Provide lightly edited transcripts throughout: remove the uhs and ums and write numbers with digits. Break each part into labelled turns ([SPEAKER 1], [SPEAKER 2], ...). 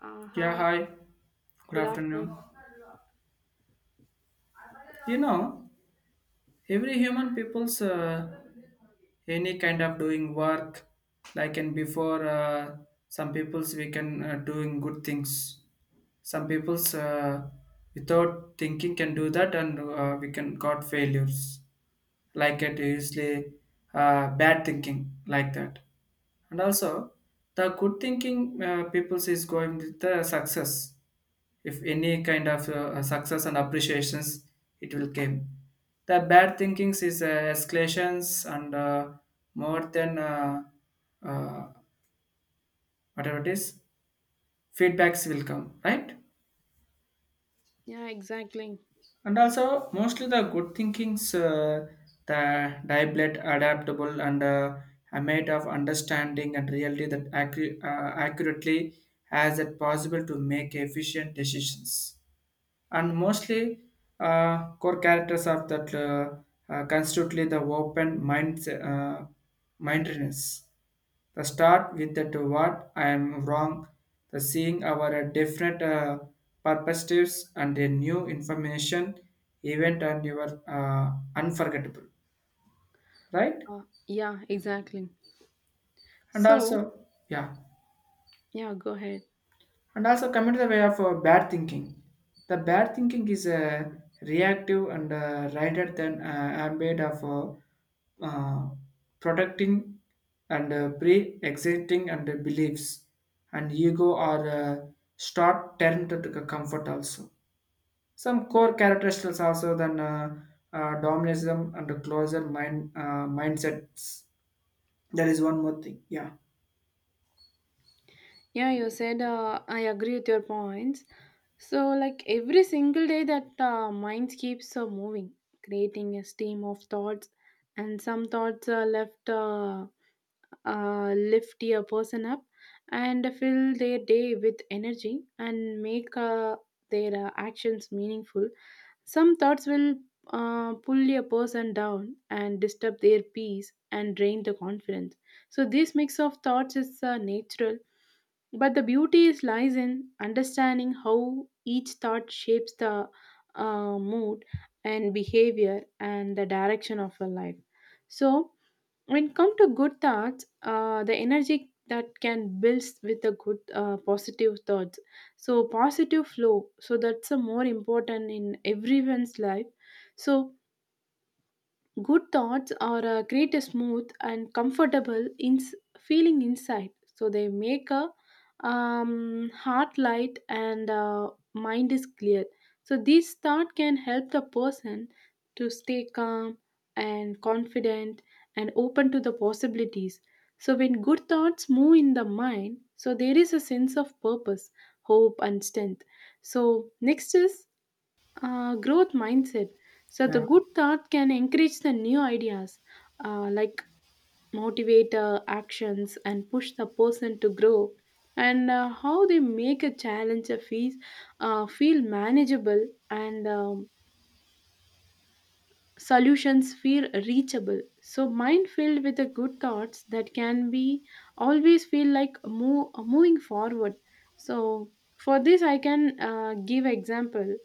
[SPEAKER 1] Yeah,
[SPEAKER 2] Hi,
[SPEAKER 1] hi. Good
[SPEAKER 2] good afternoon.
[SPEAKER 1] afternoon. You know, every human people's any kind of doing work, like and before, some people's we can doing good things. Some people's without thinking can do that, and we can got failures. Like it usually bad thinking, like that. And also the good thinking peoples is going with the success. If any kind of success and appreciations, it will came. The bad thinkings is escalations and more than uh, whatever it is, feedbacks will come, right?
[SPEAKER 2] Yeah, exactly.
[SPEAKER 1] And also mostly the good thinkings the diblet adaptable, and a mate of understanding and reality that accurately as it possible to make efficient decisions. And mostly core characters of that constitutively the open mindedness. The start with that what I am wrong, the seeing our different perspectives and a new information event, and your unforgettable, right?
[SPEAKER 2] Yeah, exactly.
[SPEAKER 1] And
[SPEAKER 2] So,
[SPEAKER 1] also, yeah.
[SPEAKER 2] yeah, go ahead.
[SPEAKER 1] And also come into the way of bad thinking. The bad thinking is reactive and rather than ambit of protecting and pre-existing and beliefs and ego, or start turn to the comfort also. Some core characteristics also than domination and closer mindsets. There is one more thing. Yeah,
[SPEAKER 2] Yeah, you said I agree with your points. So, like every single day, that mind keeps moving, creating a stream of thoughts, and some thoughts are left lift a person up and fill their day with energy and make their actions meaningful. Some thoughts will pull a person down and disturb their peace and drain the confidence. So, this mix of thoughts is natural, but the beauty is lies in understanding how each thought shapes the mood and behavior and the direction of your life. So, when come to good thoughts, the energy that can build with a good positive thoughts, so positive flow, so that's a more important in everyone's life. So good thoughts are create a smooth and comfortable feeling inside. So they make a heart light and mind is clear. So this thought can help the person to stay calm and confident and open to the possibilities. So when good thoughts move in the mind, so there is a sense of purpose, hope, and strength. So next is growth mindset. So the
[SPEAKER 1] yeah,
[SPEAKER 2] good thought can encourage the new ideas, like motivate actions and push the person to grow. And how they make a challenge a fees feel manageable and solutions feel reachable. So mind filled with the good thoughts that can be always feel like moving forward. So for this, I can give example.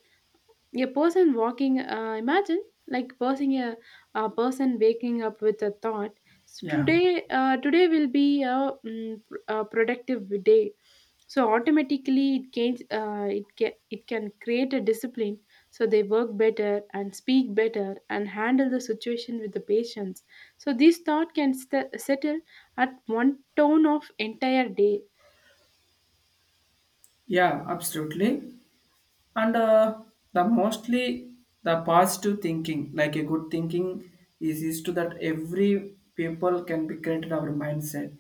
[SPEAKER 2] A person walking imagine like a person waking up with a thought, so
[SPEAKER 1] yeah,
[SPEAKER 2] today will be a productive day. So automatically it can it can create a discipline, so they work better and speak better and handle the situation with the patience. So this thought can settle at one tone of entire day.
[SPEAKER 1] yeah. Absolutely. And the mostly, the positive thinking, like a good thinking, is to that every people can be created our mindset,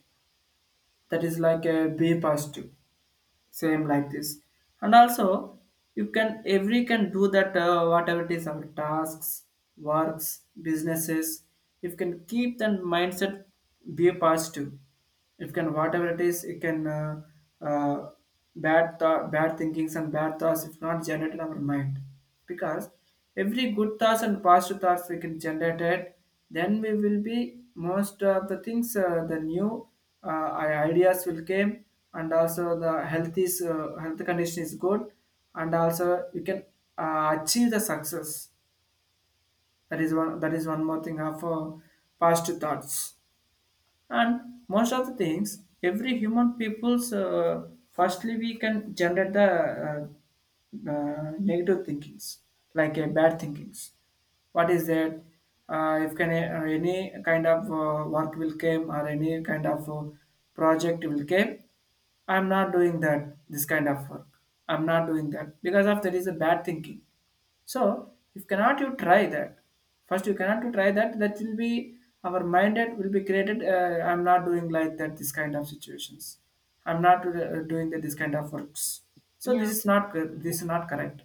[SPEAKER 1] that is like a be positive, same like this. And also you can every can do that whatever it is, our tasks, works, businesses, you can keep that mindset, be positive. It can whatever it is, it can uh, bad thought, bad thinkings and bad thoughts if not generated in our mind. Because every good thoughts and positive thoughts we can generate it, then we will be most of the things. The new uh, ideas will came, and also the health condition is good. And also we can achieve the success. That is one more thing of positive thoughts. And most of the things, every human people's firstly we can generate the negative thinkings, like a bad thinkings. What is that? If can any kind of work will came, or any kind of project will came, I'm not doing that this kind of work. I'm not doing that because of there is a bad thinking. So if cannot you try that, first you cannot to try that, that will be our minded will be created. I'm not doing like that this kind of situations. I'm not doing that this kind of works. So this
[SPEAKER 2] Yeah.
[SPEAKER 1] is not correct.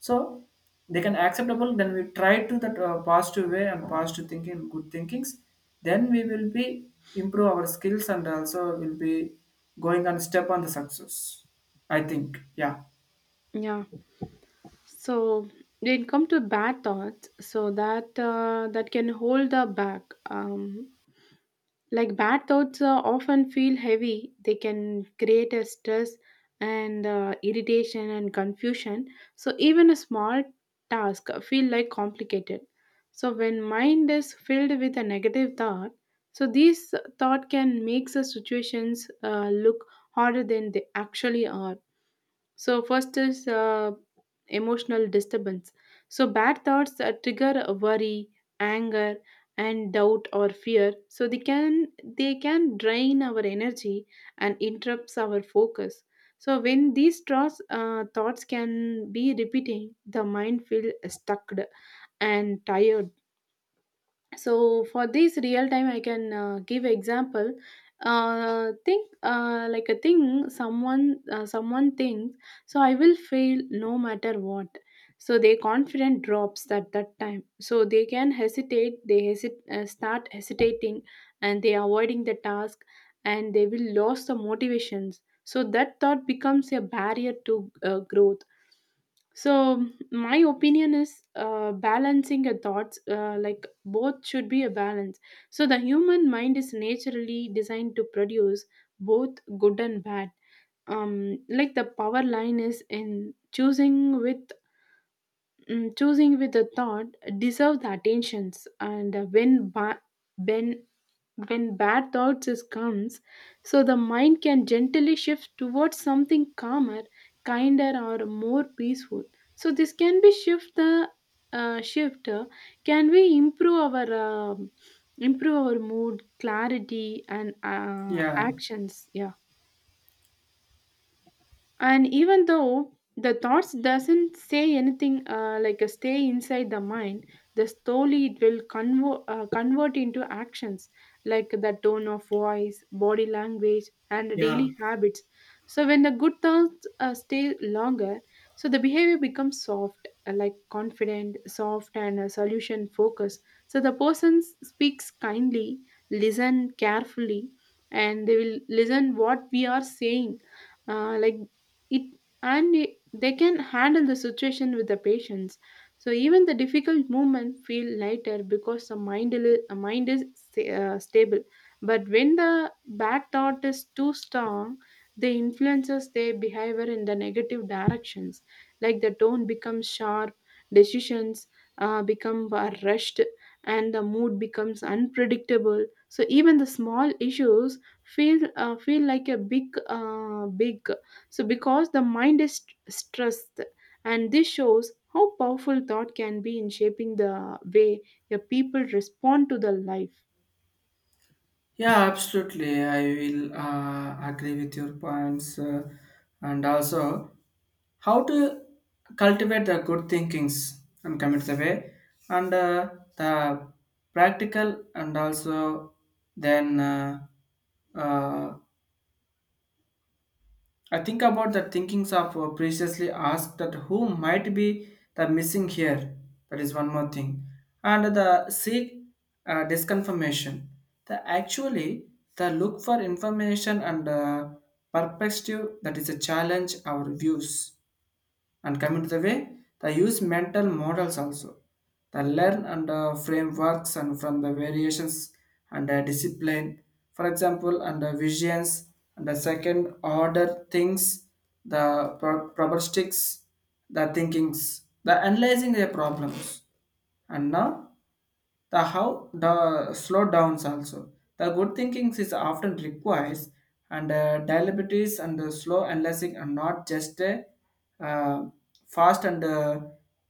[SPEAKER 1] So they can acceptable, then we try to that positive way and positive thinking, good thinkings. Then we will be improve our skills, and also will be going on step on the success, I think. Yeah,
[SPEAKER 2] Yeah. So when come to bad thoughts, so that can hold the back. Like bad thoughts often feel heavy. They can create a stress and irritation and confusion. So even a small task feel like complicated. So when mind is filled with a negative thought, so these thought can make the situations look harder than they actually are. So first is emotional disturbance. So bad thoughts trigger worry, anger, and doubt or fear. So they can drain our energy and interrupts our focus. So when these thoughts can be repeating, the mind feel stuck and tired. So for this real time I can give example. Think like a thing someone Someone thinks, so I will fail no matter what. So their confidence drops at that time, so they can start hesitating and they avoiding the task and they will lose the motivations. So that thought becomes a barrier to growth. So my opinion is balancing a thoughts, like both should be a balance. So the human mind is naturally designed to produce both good and bad. Like the power line is in choosing with a thought deserve the attentions, and when when when bad thoughts is comes, so the mind can gently shift towards something calmer, kinder or more peaceful. So this can be shift the shift can we improve our mood, clarity, and
[SPEAKER 1] yeah,
[SPEAKER 2] actions. Yeah. And even though the thoughts doesn't say anything, like a stay inside the mind, the slowly it will convert into actions, like the tone of voice, body language, and
[SPEAKER 1] yeah.
[SPEAKER 2] daily habits. So when the good thoughts stay longer, so the behavior becomes soft like confident, soft, and solution focused. So the person speaks kindly, listen carefully, and they will listen what we are saying, like they can handle the situation with the patience. So even the difficult movement feel lighter because the mind il- mind is sta- stable. But when the bad thought is too strong, they influences their behavior in the negative directions. Like the tone becomes sharp, decisions become rushed, and the mood becomes unpredictable. So even the small issues feel like a big. So, because the mind is stressed, and this shows how powerful thought can be in shaping the way your people respond to the life.
[SPEAKER 1] Yeah, absolutely. I will agree with your points, and also how to cultivate the good thinkings and commit the way, and the practical. And also, then uh, I think about the thinkings of previously asked that who might be the missing here. That is one more thing. And the seek disconfirmation. The actually, the look for information and perspective that is a challenge our views, and coming to the way they use mental models also, they learn and frameworks and from the variations, and discipline, for example, and visions and the second order things, the probabilistics, the thinkings, the analyzing their problems. And now, the how the slow downs also, the good thinking is often requires, and diabetes and the slow analyzing are not just a uh, fast and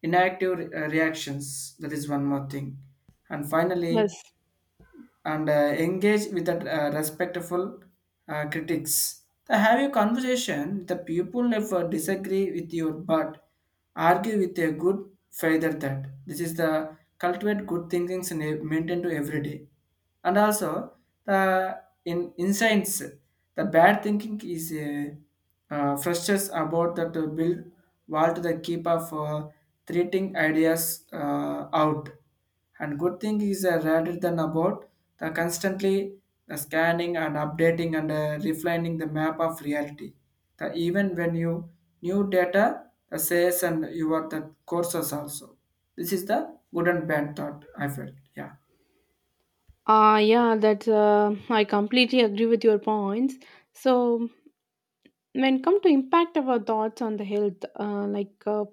[SPEAKER 1] inactive reactions. That is one more thing. And finally,
[SPEAKER 2] Yes.
[SPEAKER 1] and engage with that respectful critics. To have a conversation with the people if disagree with your, but argue with a good further, that this is the cultivate good thinkings and maintain to every day. And also the in insights, the bad thinking is frustrates about that build wall to the keep of treating ideas out. And good thing is rather than about the constantly the scanning and updating and refining the map of reality, the even when you new data, the says, and you are the courses also. This is the good and bad thought I felt. Yeah.
[SPEAKER 2] I completely agree with your points. So, when come to impact of our thoughts on the health,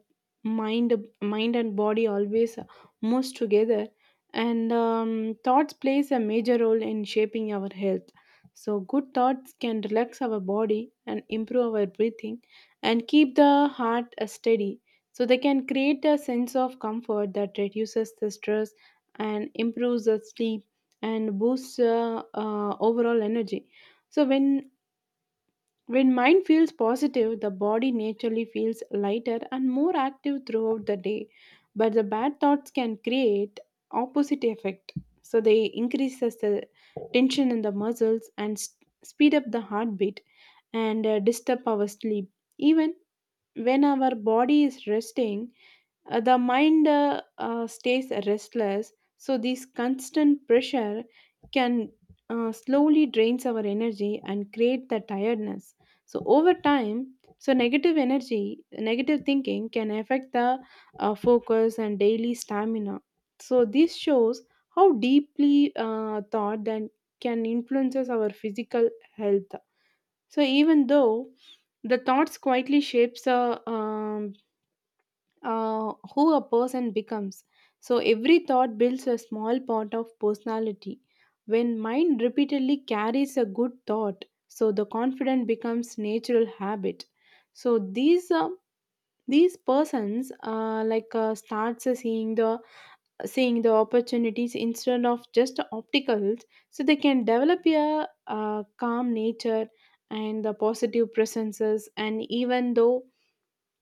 [SPEAKER 2] mind mind and body always moves together, and thoughts plays a major role in shaping our health. So good thoughts can relax our body and improve our breathing and keep the heart steady. So they can create a sense of comfort that reduces the stress and improves the sleep and boosts overall energy. So when mind feels positive, the body naturally feels lighter and more active throughout the day. But the bad thoughts can create opposite effect. So they increases the tension in the muscles and speed up the heartbeat and disturb our sleep. Even when our body is resting, the mind stays restless. So this constant pressure can slowly drains our energy and create the tiredness. So over time, so negative energy, negative thinking can affect the focus and daily stamina. So this shows how deeply thought then can influences our physical health. So even though the thoughts quietly shapes our who a person becomes. So every thought builds a small part of personality. When mind repeatedly carries a good thought, so the confidence becomes natural habit. So these persons, like starts seeing the opportunities instead of just obstacles. So they can develop a calm nature and the positive presences, and even though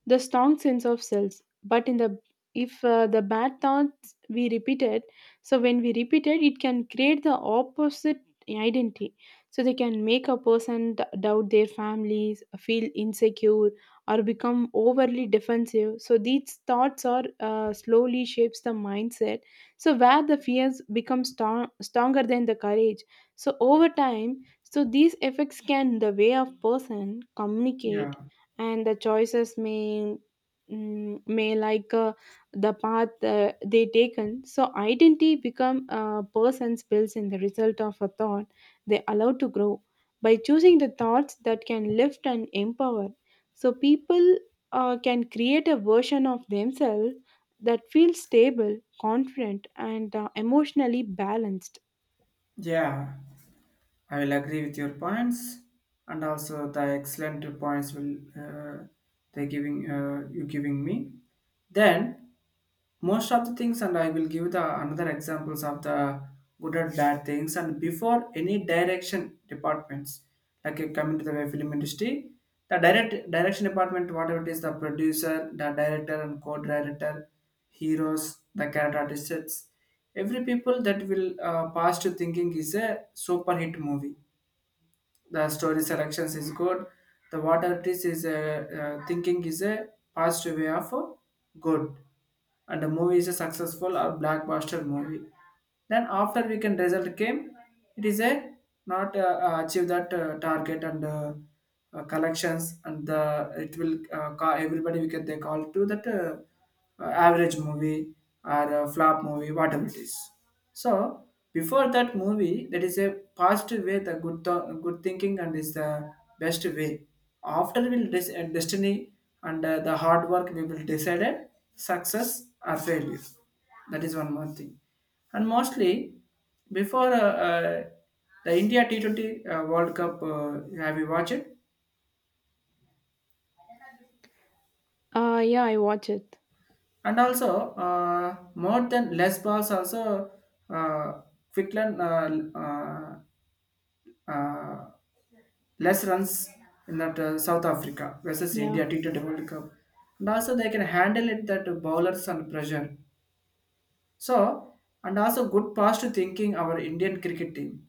[SPEAKER 2] the strong sense of self. But in the if the bad thoughts we repeated, so when we repeat it, it can create the opposite identity. So they can make a person doubt their families, feel insecure or become overly defensive. So these thoughts are slowly shapes the mindset, so where the fears become stronger than the courage. So over time, so these effects can the way of person
[SPEAKER 1] Yeah.
[SPEAKER 2] communicate and the choices may mm, may like uh, the path they taken. So identity become a person's builds in the result of a thought, they allow to grow by choosing the thoughts that can lift and empower. So people can create a version of themselves that feels stable, confident, and emotionally balanced.
[SPEAKER 1] Yeah, I will agree with your points, and also the excellent points will they giving you giving me. Then most of the things, and I will give the another examples of the good and bad things. And before any direction, departments, like you come into the film industry, the direction department whatever it is, the producer, the director and co-director, heroes, the character artists, every people that will pass to thinking is a super hit movie. The story selections is good, the what artist is thinking is a positive way of good, and the movie is a successful or blockbuster movie. Then after weekend result came, it is a not achieve that target and collections, and the it will call everybody, we can they call to that average movie or a flop movie, whatever it is. So before that movie, that is a positive way, the good thinking, and is the best way. After will destiny and the hard work we will decided success or failure. That is one more thing. And mostly before uh, the India T20 World Cup, have you watched it?
[SPEAKER 2] Yeah I watch it.
[SPEAKER 1] And also more than less balls also, uh, Quickland uh, less runs in that South Africa versus
[SPEAKER 2] Yeah.
[SPEAKER 1] India T20 World Cup. And also they can handle it, that bowlers and pressure. So, and also good past thinking, our Indian cricket team.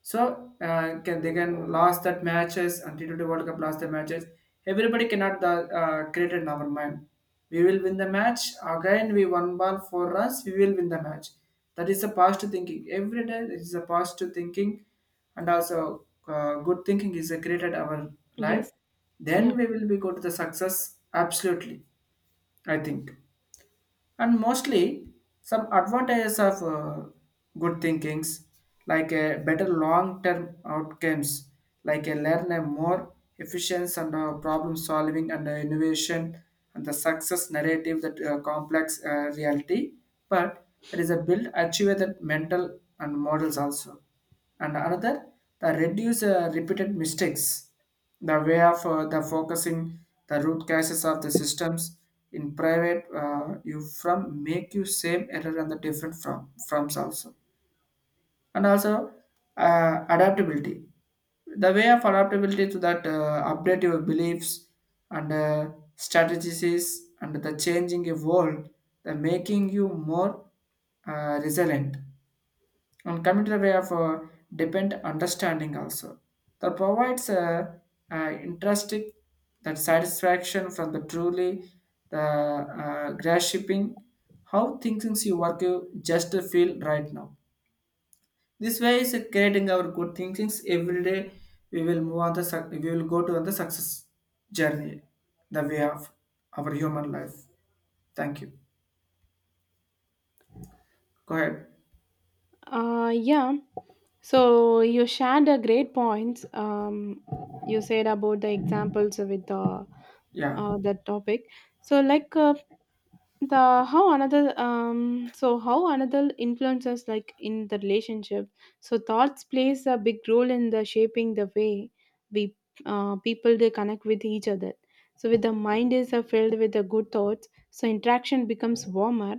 [SPEAKER 1] So can they can last that matches and T20 World Cup last the matches. Everybody cannot the, create in our mind, we will win the match again. We one ball four runs, we will win the match. That is the positive thinking. Every day it is a positive thinking, and also good thinking is created our life.
[SPEAKER 2] Yes. Yeah.
[SPEAKER 1] Then we will be go to the success absolutely. I think, and mostly some advantages of good thinkings, like a better long-term outcomes, like a learn a more efficient and problem solving and innovation, and the success narrative that complex reality, but there is a build achieve that mental and models also. And another, the reduce repeated mistakes, the way of the focusing the root causes of the systems in private. You from make you same error and the different from froms also. And also adaptability, the way of adaptability to that update your beliefs and strategies and the changing your world, the making you more resilient. And coming to the way of depend understanding also, that provides a interesting, that satisfaction from the truly the grasping how thinkings you work, you just feel right now. This way is creating our good thinkings every day, we will move on the we will go to the success journey, the way of our human life. Thank you. Go ahead.
[SPEAKER 2] uh yeah So you shared a great points. You said about the examples with
[SPEAKER 1] Yeah.
[SPEAKER 2] the topic. So like the how another so how another influences like in the relationship. So thoughts plays a big role in the shaping the way we people they connect with each other. So with the mind is filled with the good thoughts, so interaction becomes warmer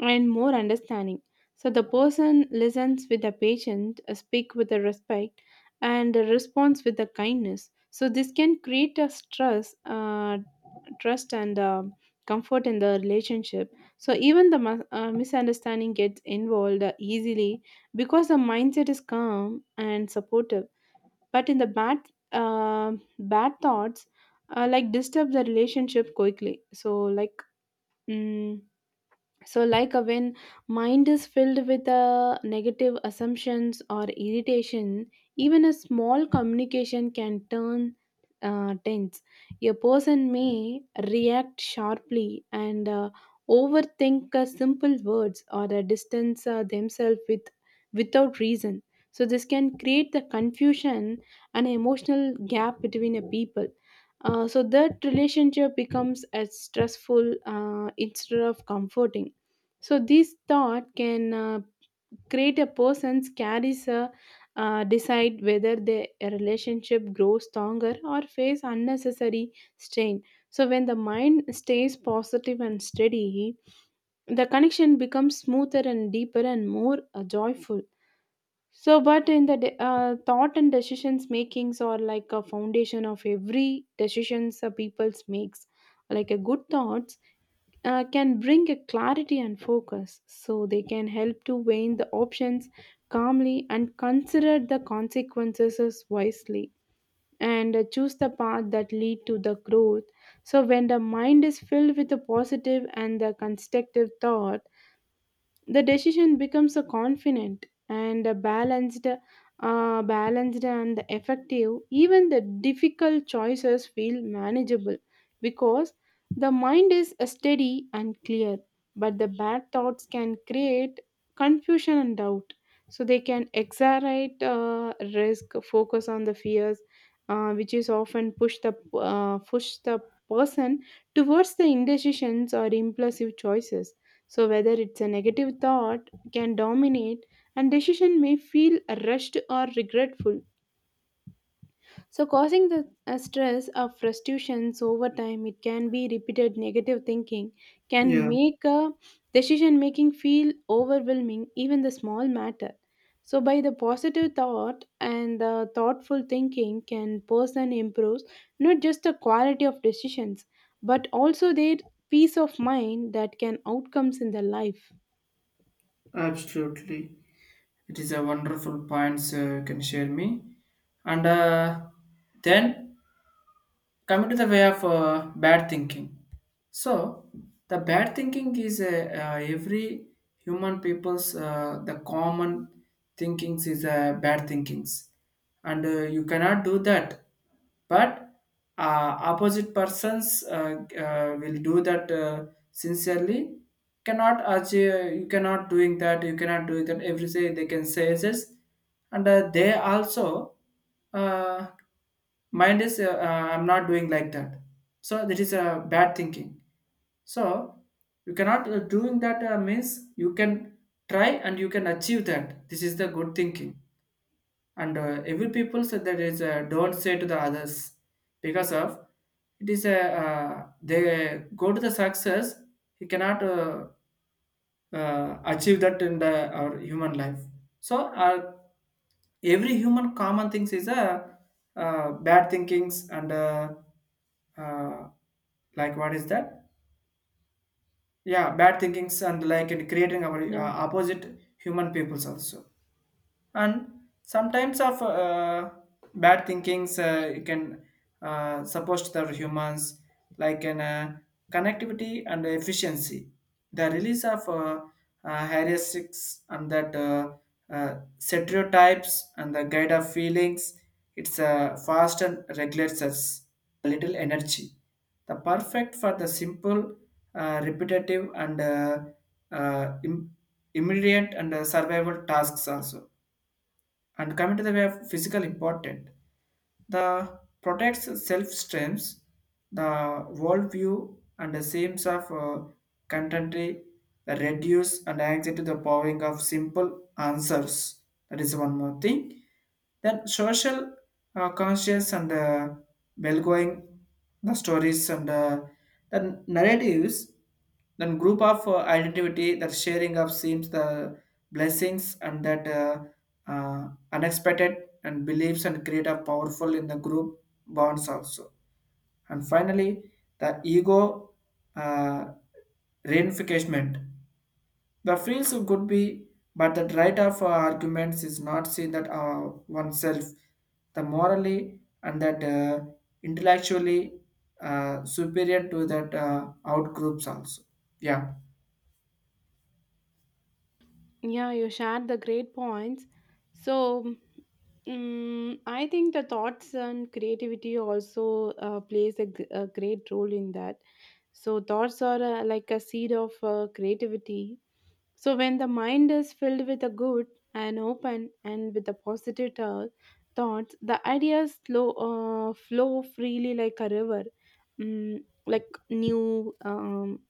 [SPEAKER 2] and more understanding. So the person listens with the patient, speak with the respect, and responds with the kindness. So this can create a stress, trust, and comfort in the relationship. So even the misunderstanding gets involved easily because the mindset is calm and supportive. But in the uh, bad thoughts, like disturb the relationship quickly. So like. Mm, when mind is filled with negative assumptions or irritation, even a small communication can turn tense. A person may react sharply and overthink simple words or distance themselves with without reason. So this can create the confusion and emotional gap between a people. So that relationship becomes as stressful instead of comforting. So this thought can create a person's carries a decide whether the relationship grows stronger or face unnecessary strain. So when the mind stays positive and steady, the connection becomes smoother and deeper and more joyful. So, but in the thought and decisions makings are like a foundation of every decisions a people's makes. Like a good thoughts can bring a clarity and focus, so they can help to weigh the options calmly and consider the consequences wisely, and choose the path that lead to the growth. So when the mind is filled with the positive and the constructive thought, the decision becomes a confident and a balanced balanced and effective, even the difficult choices feel manageable because the mind is steady and clear. But the bad thoughts can create confusion and doubt, so they can exaggerate risk, focus on the fears, which is often push the person towards the indecisions or impulsive choices. So, whether it's a negative thought can dominate and decision may feel rushed or regretful. So, causing the stress or frustrations over time, it can be repeated negative thinking, can
[SPEAKER 1] Yeah,
[SPEAKER 2] make a decision making feel overwhelming, even the small matter. So, by the positive thought and the thoughtful thinking, can person improves not just the quality of decisions, but also their peace of mind that can outcomes in their life.
[SPEAKER 1] absolutely. It is a wonderful points you can share me. And then coming to the way of bad thinking. So the bad thinking is a, every human people's the common thinkings is a bad thinkings, and you cannot do that, but opposite persons will do that sincerely cannot achieve. You cannot doing that, you cannot do that every day, they can say this. And they also uh, mind is, I'm not doing like that. So that is a bad thinking. So you cannot doing that means you can try, and you can achieve that. This is the good thinking. And every people said that is don't say to the others, because of it is a they go to the success. He cannot achieve that in the, our human life. So every human common things is a bad thinkings, and uh, like what is that, yeah, bad thinkings, and like in creating our
[SPEAKER 2] No.
[SPEAKER 1] opposite human peoples also. And sometimes of bad thinkings, you can support the humans, like an connectivity and efficiency, the release of heuristics and that stereotypes and the guide of feelings. It's fast and regulates us a little energy, the perfect for the simple repetitive and uh, im- immediate and survival tasks also. And coming to the way of physical important, the protects self strengths, the worldview, and the themes of contemporary that reduce and anxiety, the powering of simple answers. That is one more thing. Then social conscious and well-going, the stories and the narratives, then group of identity, the sharing of themes, the blessings and that uh, unexpected and beliefs and create a powerful in the group bonds also. And finally, the ego uh, reinforcement, the feels could be, but the right of arguments is not seen that oneself the morally and that intellectually superior to that out groups also. Yeah.
[SPEAKER 2] Yeah, you shared the great points. So, I think the thoughts and creativity also plays a, a great role in that. So, thoughts are like a seed of creativity. So, when the mind is filled with a good and open and with a thoughts, the ideas flow, flow freely like a river. Like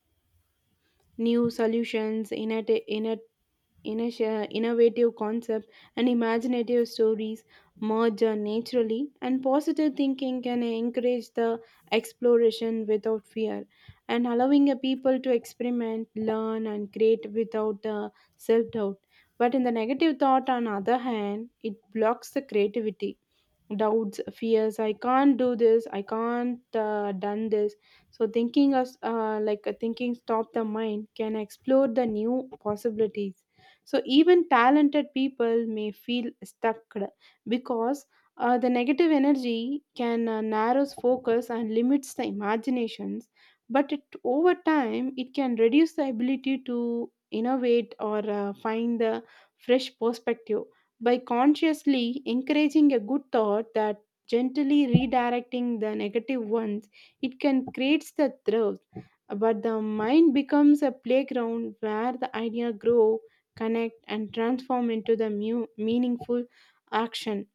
[SPEAKER 2] new solutions, innovative, innovative concepts and imaginative stories merge naturally, and positive thinking can encourage the exploration without fear and allowing a people to experiment, learn, and create without self doubt. But in the negative thought, on other hand, it blocks the creativity, doubts, fears, I can't do this, I can't done this. So thinking us like thinking stop the mind can explore the new possibilities, so even talented people may feel stuck because the negative energy can narrows focus and limits the imaginations. But it, over time, it can reduce the ability to innovate or find the fresh perspective. By consciously encouraging a good thought, that gently redirecting the negative ones, it can create the thrill, but the mind becomes a playground where the idea grow, connect, and transform into the meaningful action.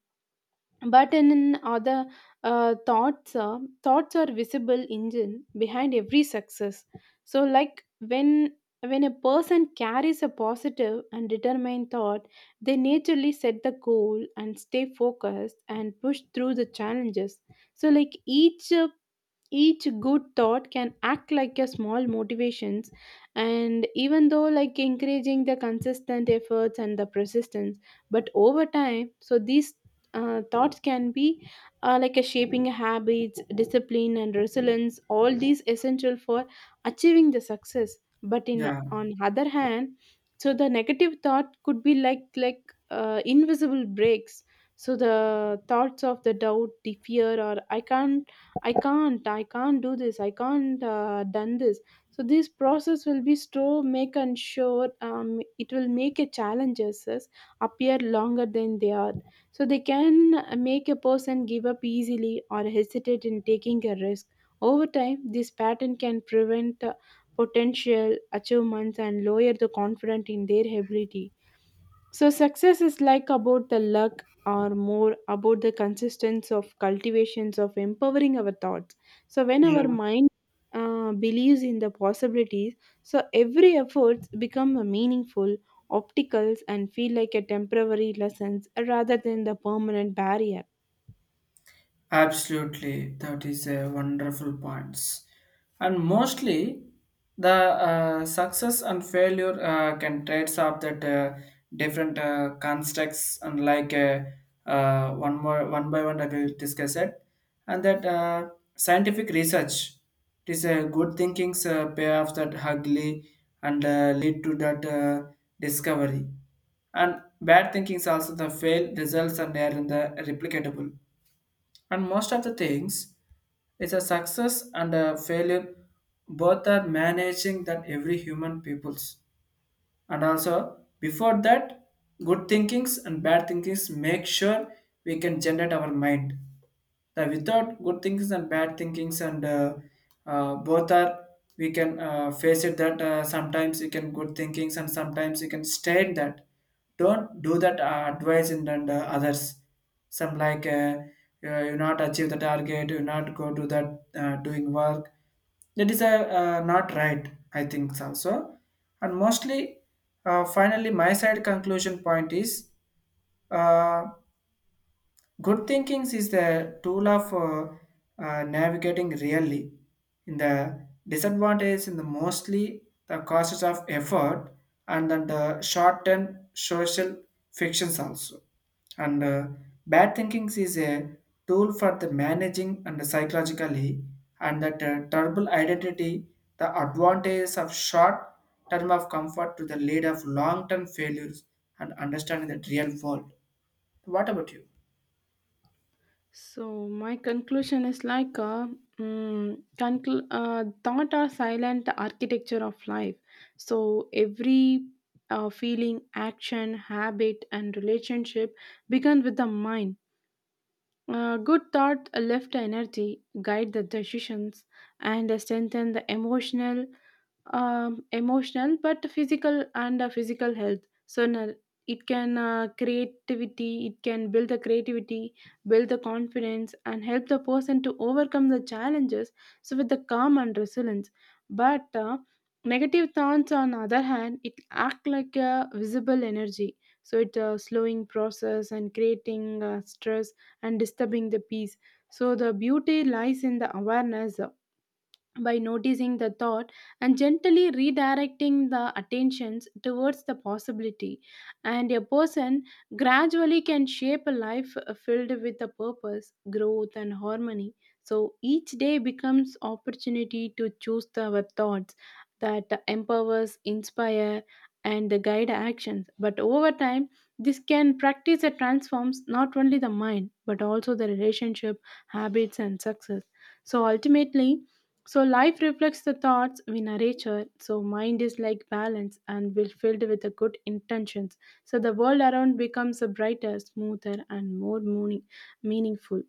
[SPEAKER 2] But in other thoughts are visible engine behind every success. So, like when a person carries a positive and determined thought, they naturally set the goal and stay focused and push through the challenges. So, like each good thought can act like a small motivations and even though like encouraging the consistent efforts and the persistence. But over time, so these thoughts can be like a shaping habits, discipline, and resilience, all these essential for achieving the success. But in
[SPEAKER 1] Yeah.
[SPEAKER 2] on other hand, so the negative thought could be like invisible breaks. So the thoughts of the doubt, the fear, or I can't, I can't do this, I can't done this. So this process will be slow make and sure it will make a challenges appear longer than they are, so they can make a person give up easily or hesitate in taking a risk. Over time this pattern can prevent potential achievements and lower the confidence in their ability. So success is like about the luck or more about the consistency of cultivations of empowering our thoughts. So when
[SPEAKER 1] Yeah.
[SPEAKER 2] our mind believes in the possibilities, so every effort become a meaningful, opticals and feel like a temporary lessons rather than the permanent barrier.
[SPEAKER 1] Absolutely, that is a wonderful points. And mostly, the success and failure can trace up that different constructs and like one more one by one I will discuss it. And that scientific research, it is a good thinkings pay off that ugly and lead to that discovery. And bad thinkings also the fail results and they are there in the replicatable. And most of the things is a success and a failure, both are managing that every human peoples. And also before that, good thinkings and bad thinkings, make sure we can generate our mind that without good thinkings and bad thinkings, and both are we can face it that sometimes you can good thinkings, and sometimes you can state that don't do that advice, and others, some like you not achieve the target, you not go to that doing work. That is not right, I think also. And mostly, finally, my side conclusion point is uh, good thinking is the tool of navigating really, in the disadvantage in the mostly the costs of effort, and then the short-term social fictions also. And bad thinking is a tool for the managing and psychologically, and that terrible identity, the advantage of short term of comfort to the lead of long-term failures and understanding the real world. What about you?
[SPEAKER 2] So my conclusion is like thought are silent architecture of life. So every feeling, action, habit, and relationship begin with the mind. Good thought lift energy, guide the decisions, and strengthen the emotional, emotional but physical and physical health. So it can build the creativity, build the confidence, and help the person to overcome the challenges. So with the calm and resilience, but negative thoughts on other hand, it act like a visible energy. So it slowing process and creating stress and disturbing the peace. So the beauty lies in the awareness, by noticing the thought and gently redirecting the attentions towards the possibility, and a person gradually can shape a life filled with a purpose, growth, and harmony. So each day becomes opportunity to choose our thoughts that empowers, inspire, and guide actions. But over time this can practice that transforms not only the mind but also the relationship, habits, and success. So ultimately, so life reflects the thoughts we nurture. So mind is like balance and will filled with the good intentions. So the world around becomes a brighter, smoother, and more meaningful.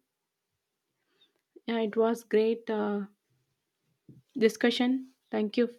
[SPEAKER 2] Yeah, it was great discussion. Thank you.